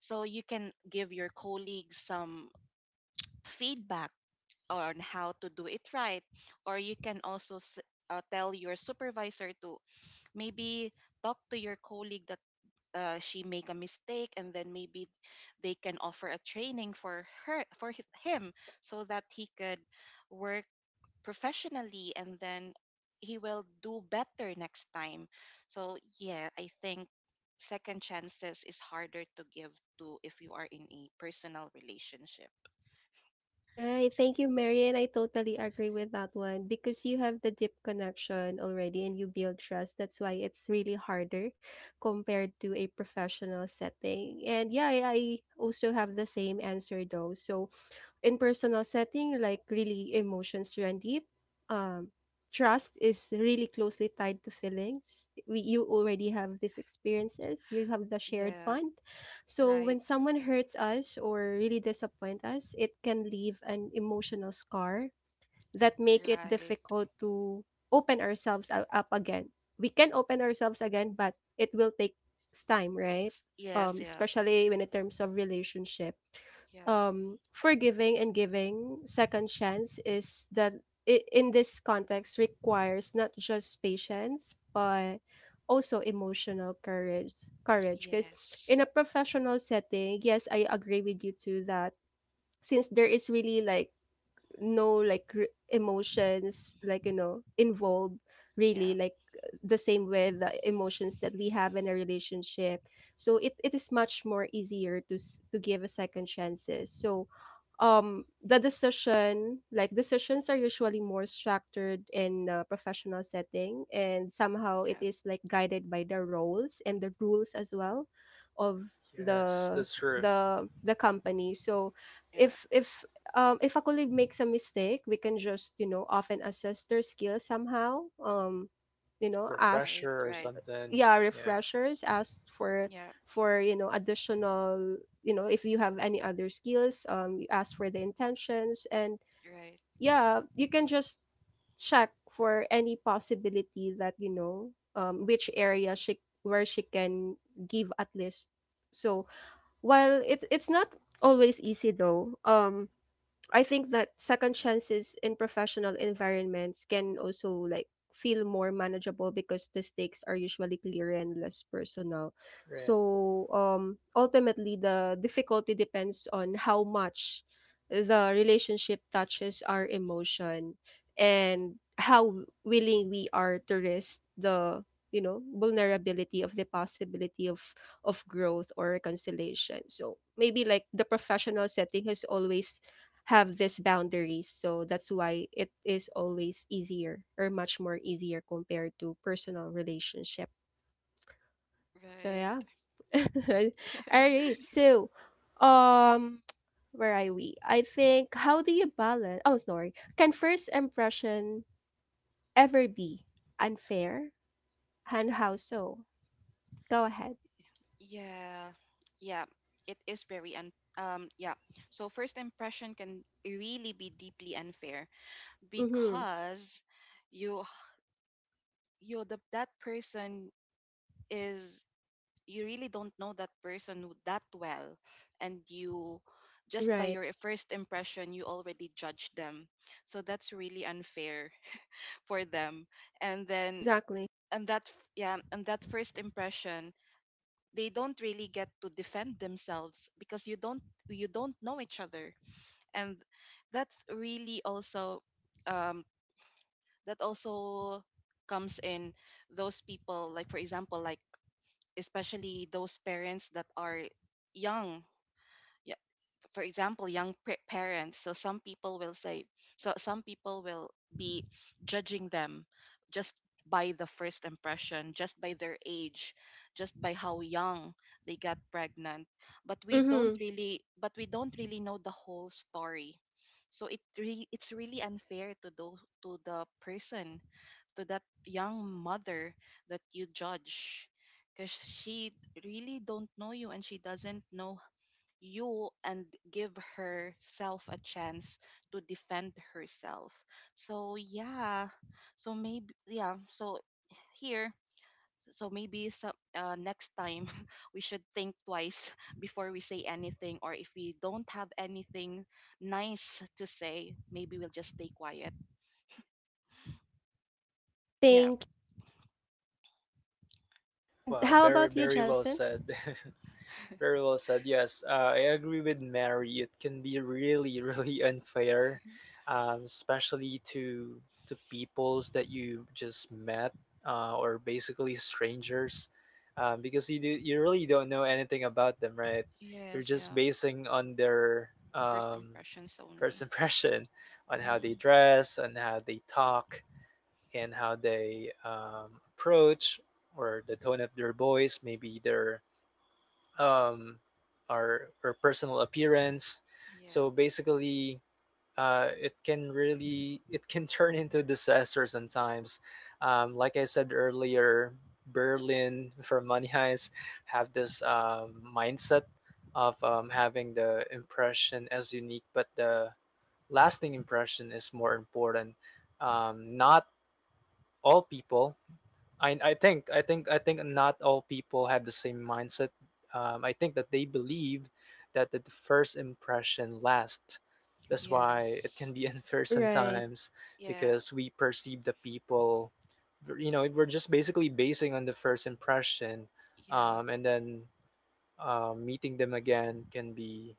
so you can give your colleagues some feedback on how to do it right, or you can also tell your supervisor to maybe talk to your colleague that, she make a mistake, and then maybe they can offer a training for her, for him, so that he could work professionally, and then he will do better next time. So yeah, I think second chances is harder to give to if you are in a personal relationship. Right. Thank you, Marian. I totally agree with that one because you have the deep connection already and you build trust. That's why it's really harder compared to a professional setting. And yeah, I also have the same answer though. So in personal setting, like really emotions run deep. Um, trust is really closely tied to feelings. We, you already have these experiences. You have the shared Yeah, bond. So right, when someone hurts us or really disappoint us, it can leave an emotional scar that make it right. difficult to open up again. We can open ourselves again, but it will take time, right? Yes, yeah, Especially when in terms of relationship, yeah, forgiving and giving second chance is in this context requires not just patience but also emotional courage, because in yes, a professional setting, yes, I agree with you too that since there is really like no like r emotions like, you know, involved really yeah, like the same with the emotions that we have in a relationship. So it is much more easier to give a second chances. So the decision like decisions are usually more structured in a professional setting, and somehow it yeah, is like guided by the roles and the rules as well of Yes, the that's true. The company. So yeah, if if if a colleague makes a mistake, we can just, you know, often assess their skill somehow. You know, ask, right, Refresher or right, something. yeah, Yeah, refreshers, ask for yeah, you know, additional, you know, if you have any other skills, you ask for the intentions and right, yeah, you can just check for any possibility that, you know, which area she where she can give at least. So while it's not always easy though, I think that second chances in professional environments can also like feel more manageable because the stakes are usually clearer and less personal. right. So ultimately the difficulty depends on how much the relationship touches our emotion and how willing we are to risk the, you know, vulnerability of the possibility of growth or reconciliation. So maybe like the professional setting has always have these boundaries. So that's why it is always easier or much more easier compared to personal relationship. So yeah. right. All right. So um where are we? I think how do you balance, oh sorry. Can first impression ever be unfair? And how so? Go ahead. Yeah, yeah, it is very un yeah. So first impression can really be deeply unfair, Mm-hmm. because you you the, that person is you really don't know that person that well, and you just by Right. your first impression, you already judge them, so that's really unfair for them. And then, Exactly. And that first impression, they don't really get to defend themselves, because you don't know each other. And that's really also, um, that also comes in those people, like for example, like especially those parents that are young. Yeah, for example, young parents. So some people will say so some people will be judging them, just by the first impression, just by their age, just by how young they got pregnant. But we don't Mm-hmm. really but we don't really know the whole story. So it's really unfair to those to the person, to that young mother that you judge, because she really don't know you, and she doesn't know you, and give herself a chance to defend herself. So yeah. so maybe yeah so here so maybe so, Next time, we should think twice before we say anything, or if we don't have anything nice to say, maybe we'll just stay quiet. Yeah. Think. And Wow, how very, about you, very well Justin? said. Very well said. Yes, I agree with Mary. It can be really, really unfair, especially to peoples that you just met, or basically strangers, because you really don't know anything about them, right? You're Yes. just Yeah. basing on their First impressions first only. impression, on how they Mm, dress, on how they talk, and how they approach, or the tone of their voice, maybe their um, our personal appearance. yeah. So basically, it can turn into disaster sometimes. Like I said earlier, Berlin for Money Heist have this mindset of having the impression as unique, but the lasting impression is more important. Not all people I think not all people have the same mindset. I think that they believe that the first impression lasts. That's why it can Yes. be unfair Right. sometimes, Yeah. because we perceive the people, you know, we're just basically basing on the first impression, Yeah. And then meeting them again can be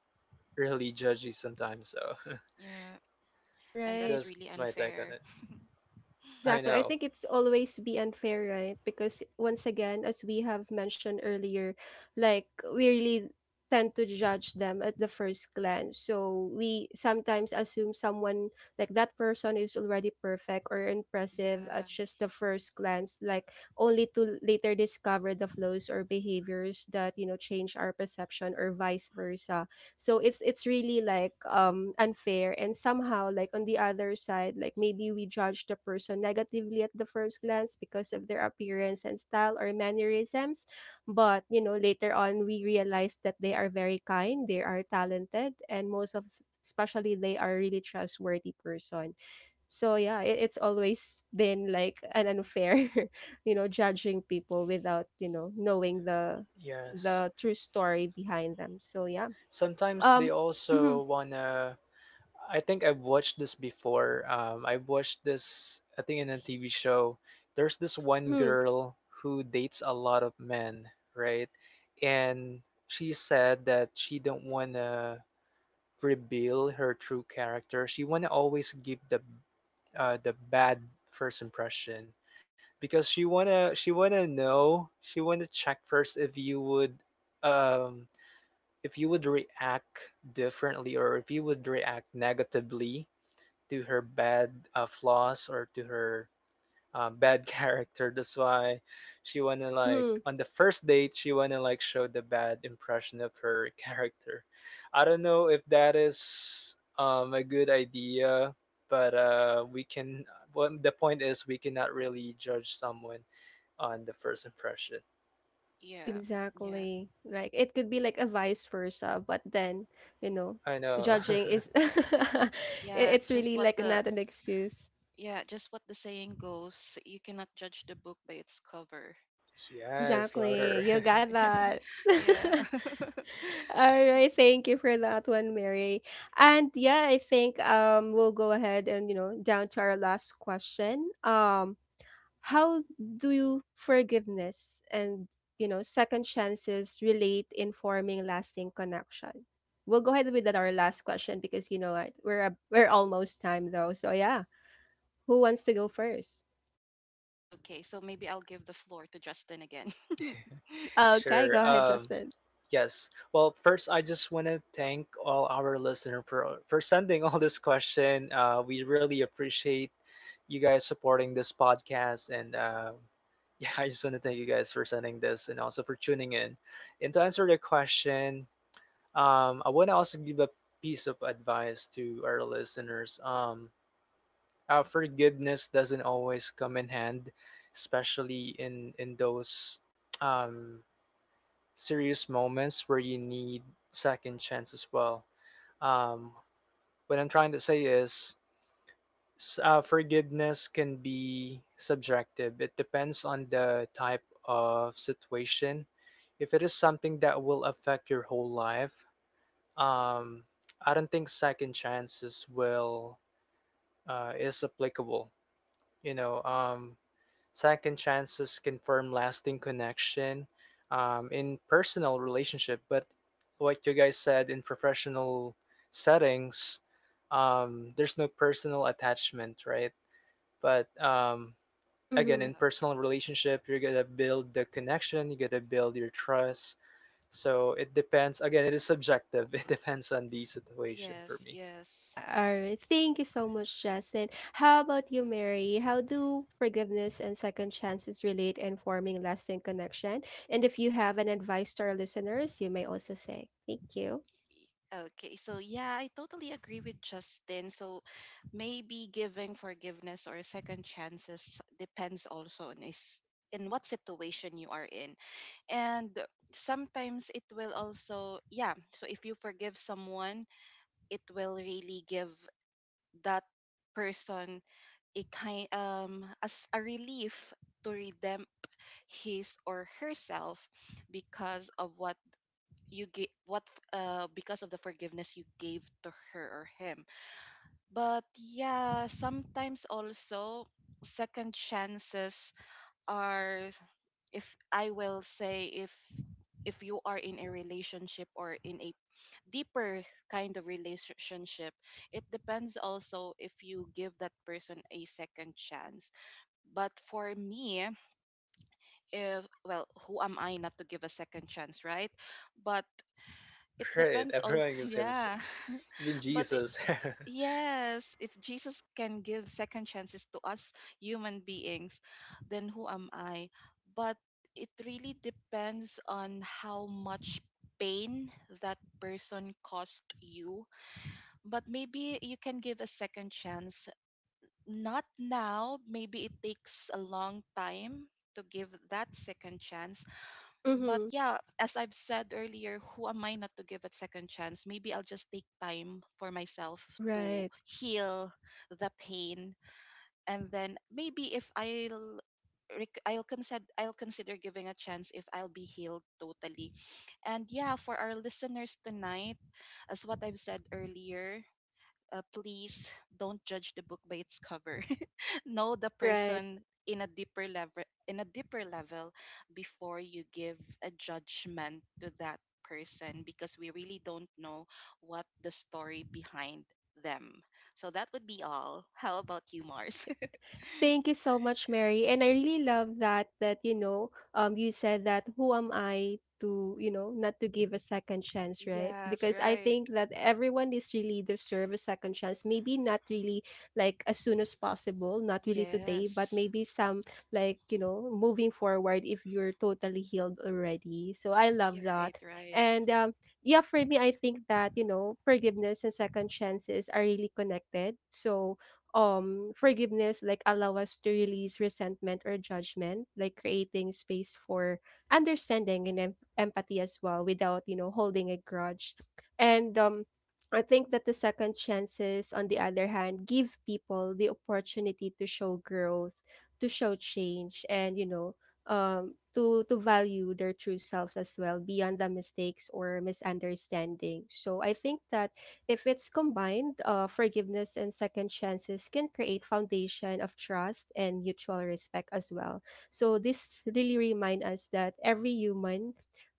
really judgy sometimes. So Yeah. And Right. that's that's my really take on it. unfair. I Exactly. know. I think it's always be unfair, right? Because once again, as we have mentioned earlier, like we really tend to judge them at the first glance. So we sometimes assume someone like that person is already perfect or impressive at Yeah. just the first glance, like only to later discover the flaws or behaviors that, you know, change our perception or vice versa. So it's really like unfair, and somehow like on the other side, like maybe we judge the person negatively at the first glance because of their appearance and style or mannerisms, but you know, later on we realize that they are very kind, they are talented, and most of especially they are really trustworthy person. So yeah, it's always been like an unfair you know, judging people without you know, knowing Yes. the true story behind them. So yeah, Sometimes they um also mhm, wanna I think I've watched this before. I've watched this, I think, in a TV show. There's this one mhm, girl who dates a lot of men, right? And she said that she don't want to reveal her true character. She want to always give the bad first impression, because she wanna check first um if you would react differently, or if you would react negatively to her bad flaws, or to her bad character. That's why she wanna like mhm, on the first date she wanna like show the bad impression of her character. I don't know if that is a good idea, but we can. Well, the point is, we cannot really judge someone on the first impression. Yeah. Yeah. exactly. Like it could be like a vice versa, but then, you know, I know. judging is Yeah, it's just really what like the not an excuse. yeah, just what the saying goes, you cannot judge the book by its cover. Yes, Exactly. louder. You got that. Yeah. All right, thank you for that one, Mary. And yeah, I think we'll go ahead and you know, down to our last question. How do you forgiveness and you know, second chances relate in forming lasting connection? We'll go ahead with that, our last question, because you know what, we're almost time though. So yeah, who wants to go first? Okay, so maybe I'll give the floor to Justin again. Okay, Sure. go ahead, Um. Justin. Yes. Well, first, I just want to thank all our listener for sending all this question. We really appreciate you guys supporting this podcast, and yeah, I just want to thank you guys for sending this and also for tuning in. And to answer the question, I want to also give a piece of advice to our listeners. Forgiveness doesn't always come in hand, especially in those. Um, serious moments where you need second chance as well. Um, what I'm trying to say is forgiveness can be subjective. It depends on the type of situation. If it is something that will affect your whole life, um, I don't think second chances will is applicable. You know, second chances confirm lasting connection in personal relationship, but like you guys said, in professional settings, there's no personal attachment, right? But again, Mm-hmm. Yeah. in personal relationship, you're gonna build the connection, you gotta build your trust. So it depends. Again, it is subjective. It depends on the situation for Yes, me. yes. All right. Thank you so much, Justin. How about you, Mary? How do forgiveness and second chances relate in forming lasting connection? And if you have an advice to our listeners, you may also say. Thank you. Okay, so yeah, I totally agree with Justin. So maybe giving forgiveness or second chances depends also on, is in what situation you are in. And sometimes it will also, yeah. So if you forgive someone, it will really give that person a kind, as a relief to redeem his or herself, because of what you gave what because of the forgiveness you gave to her or him. But yeah, sometimes also, second chances are, if I will say, if you are in a relationship, or in a deeper kind of relationship, it depends also if you give that person a second chance. But for me, if well, who am I not to give a second chance, right? But it Right, depends all. everyone gives him Yeah. a. Even but it, Jesus. yes, if Jesus can give second chances to us human beings, then who am I? But it really depends on how much pain that person caused you. But maybe you can give a second chance, not now, maybe it takes a long time to give that second chance. But Mm-hmm. yeah, as I've said earlier, who am I not to give it second chance? Maybe I'll just take time for myself to Right. heal the pain, and then maybe, if I'll consider giving a chance, if I'll be healed totally. And yeah, for our listeners tonight, as what I've said earlier, please don't judge the book by its cover. Know the Right. person in a deeper level, in a deeper level before you give a judgment to that person, because we really don't know what the story behind them. So that would be all. How about you, Mars? Thank you so much, Mary. And I really love that, that you know, you said that who am I to you know, not to give a second chance, right? Yes, Because I right, think that everyone is really deserve a second chance. Maybe not really like as soon as possible, not really today, but yes. maybe some like you know, moving forward if you're totally healed already. So I Yeah, love right, that. right, And yeah, for me, I think that you know, forgiveness and second chances are really connected. So forgiveness like allow us to release resentment or judgment, like creating space for understanding and empathy as well without you know, holding a grudge, and I think that the second chances, on the other hand, give people the opportunity to show growth, to show change, and you know, to value their true selves as well beyond the mistakes or misunderstanding. So I think that if it's combined, forgiveness and second chances can create foundation of trust and mutual respect as well. So this really remind us that every human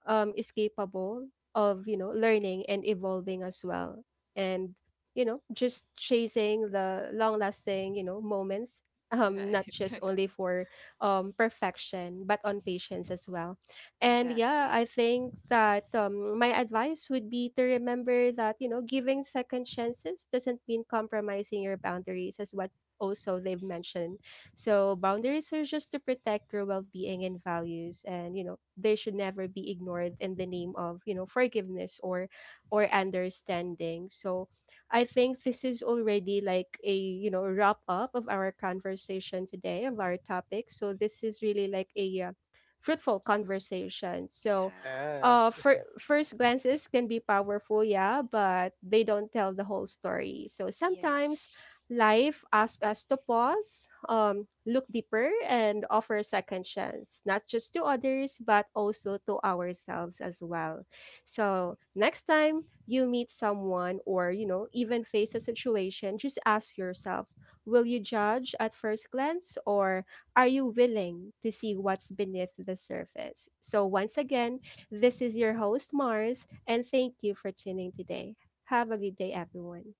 is capable of you know, learning and evolving as well. And you know, just chasing the long lasting you know, moments not right. just only for perfection but on patience as well. And yeah, Exactly. I think that my advice would be to remember that, you know, giving second chances doesn't mean compromising your boundaries, as what also they've mentioned. So boundaries are just to protect your well being and values. And, you know, they should never be ignored in the name of, you know, forgiveness or understanding. So I think this is already like a, you know, wrap up of our conversation today, of our topic. So this is really like a fruitful conversations. So, Yeah, Yes. for first glances can be powerful, yeah, but they don't tell the whole story. So sometimes yes. life asks us to pause, look deeper, and offer a second chance, not just to others, but also to ourselves as well. So next time you meet someone or, you know, even face a situation, just ask yourself, will you judge at first glance or are you willing to see what's beneath the surface? So, once again, this is your host, Mars, and thank you for tuning today. Have a good day, everyone.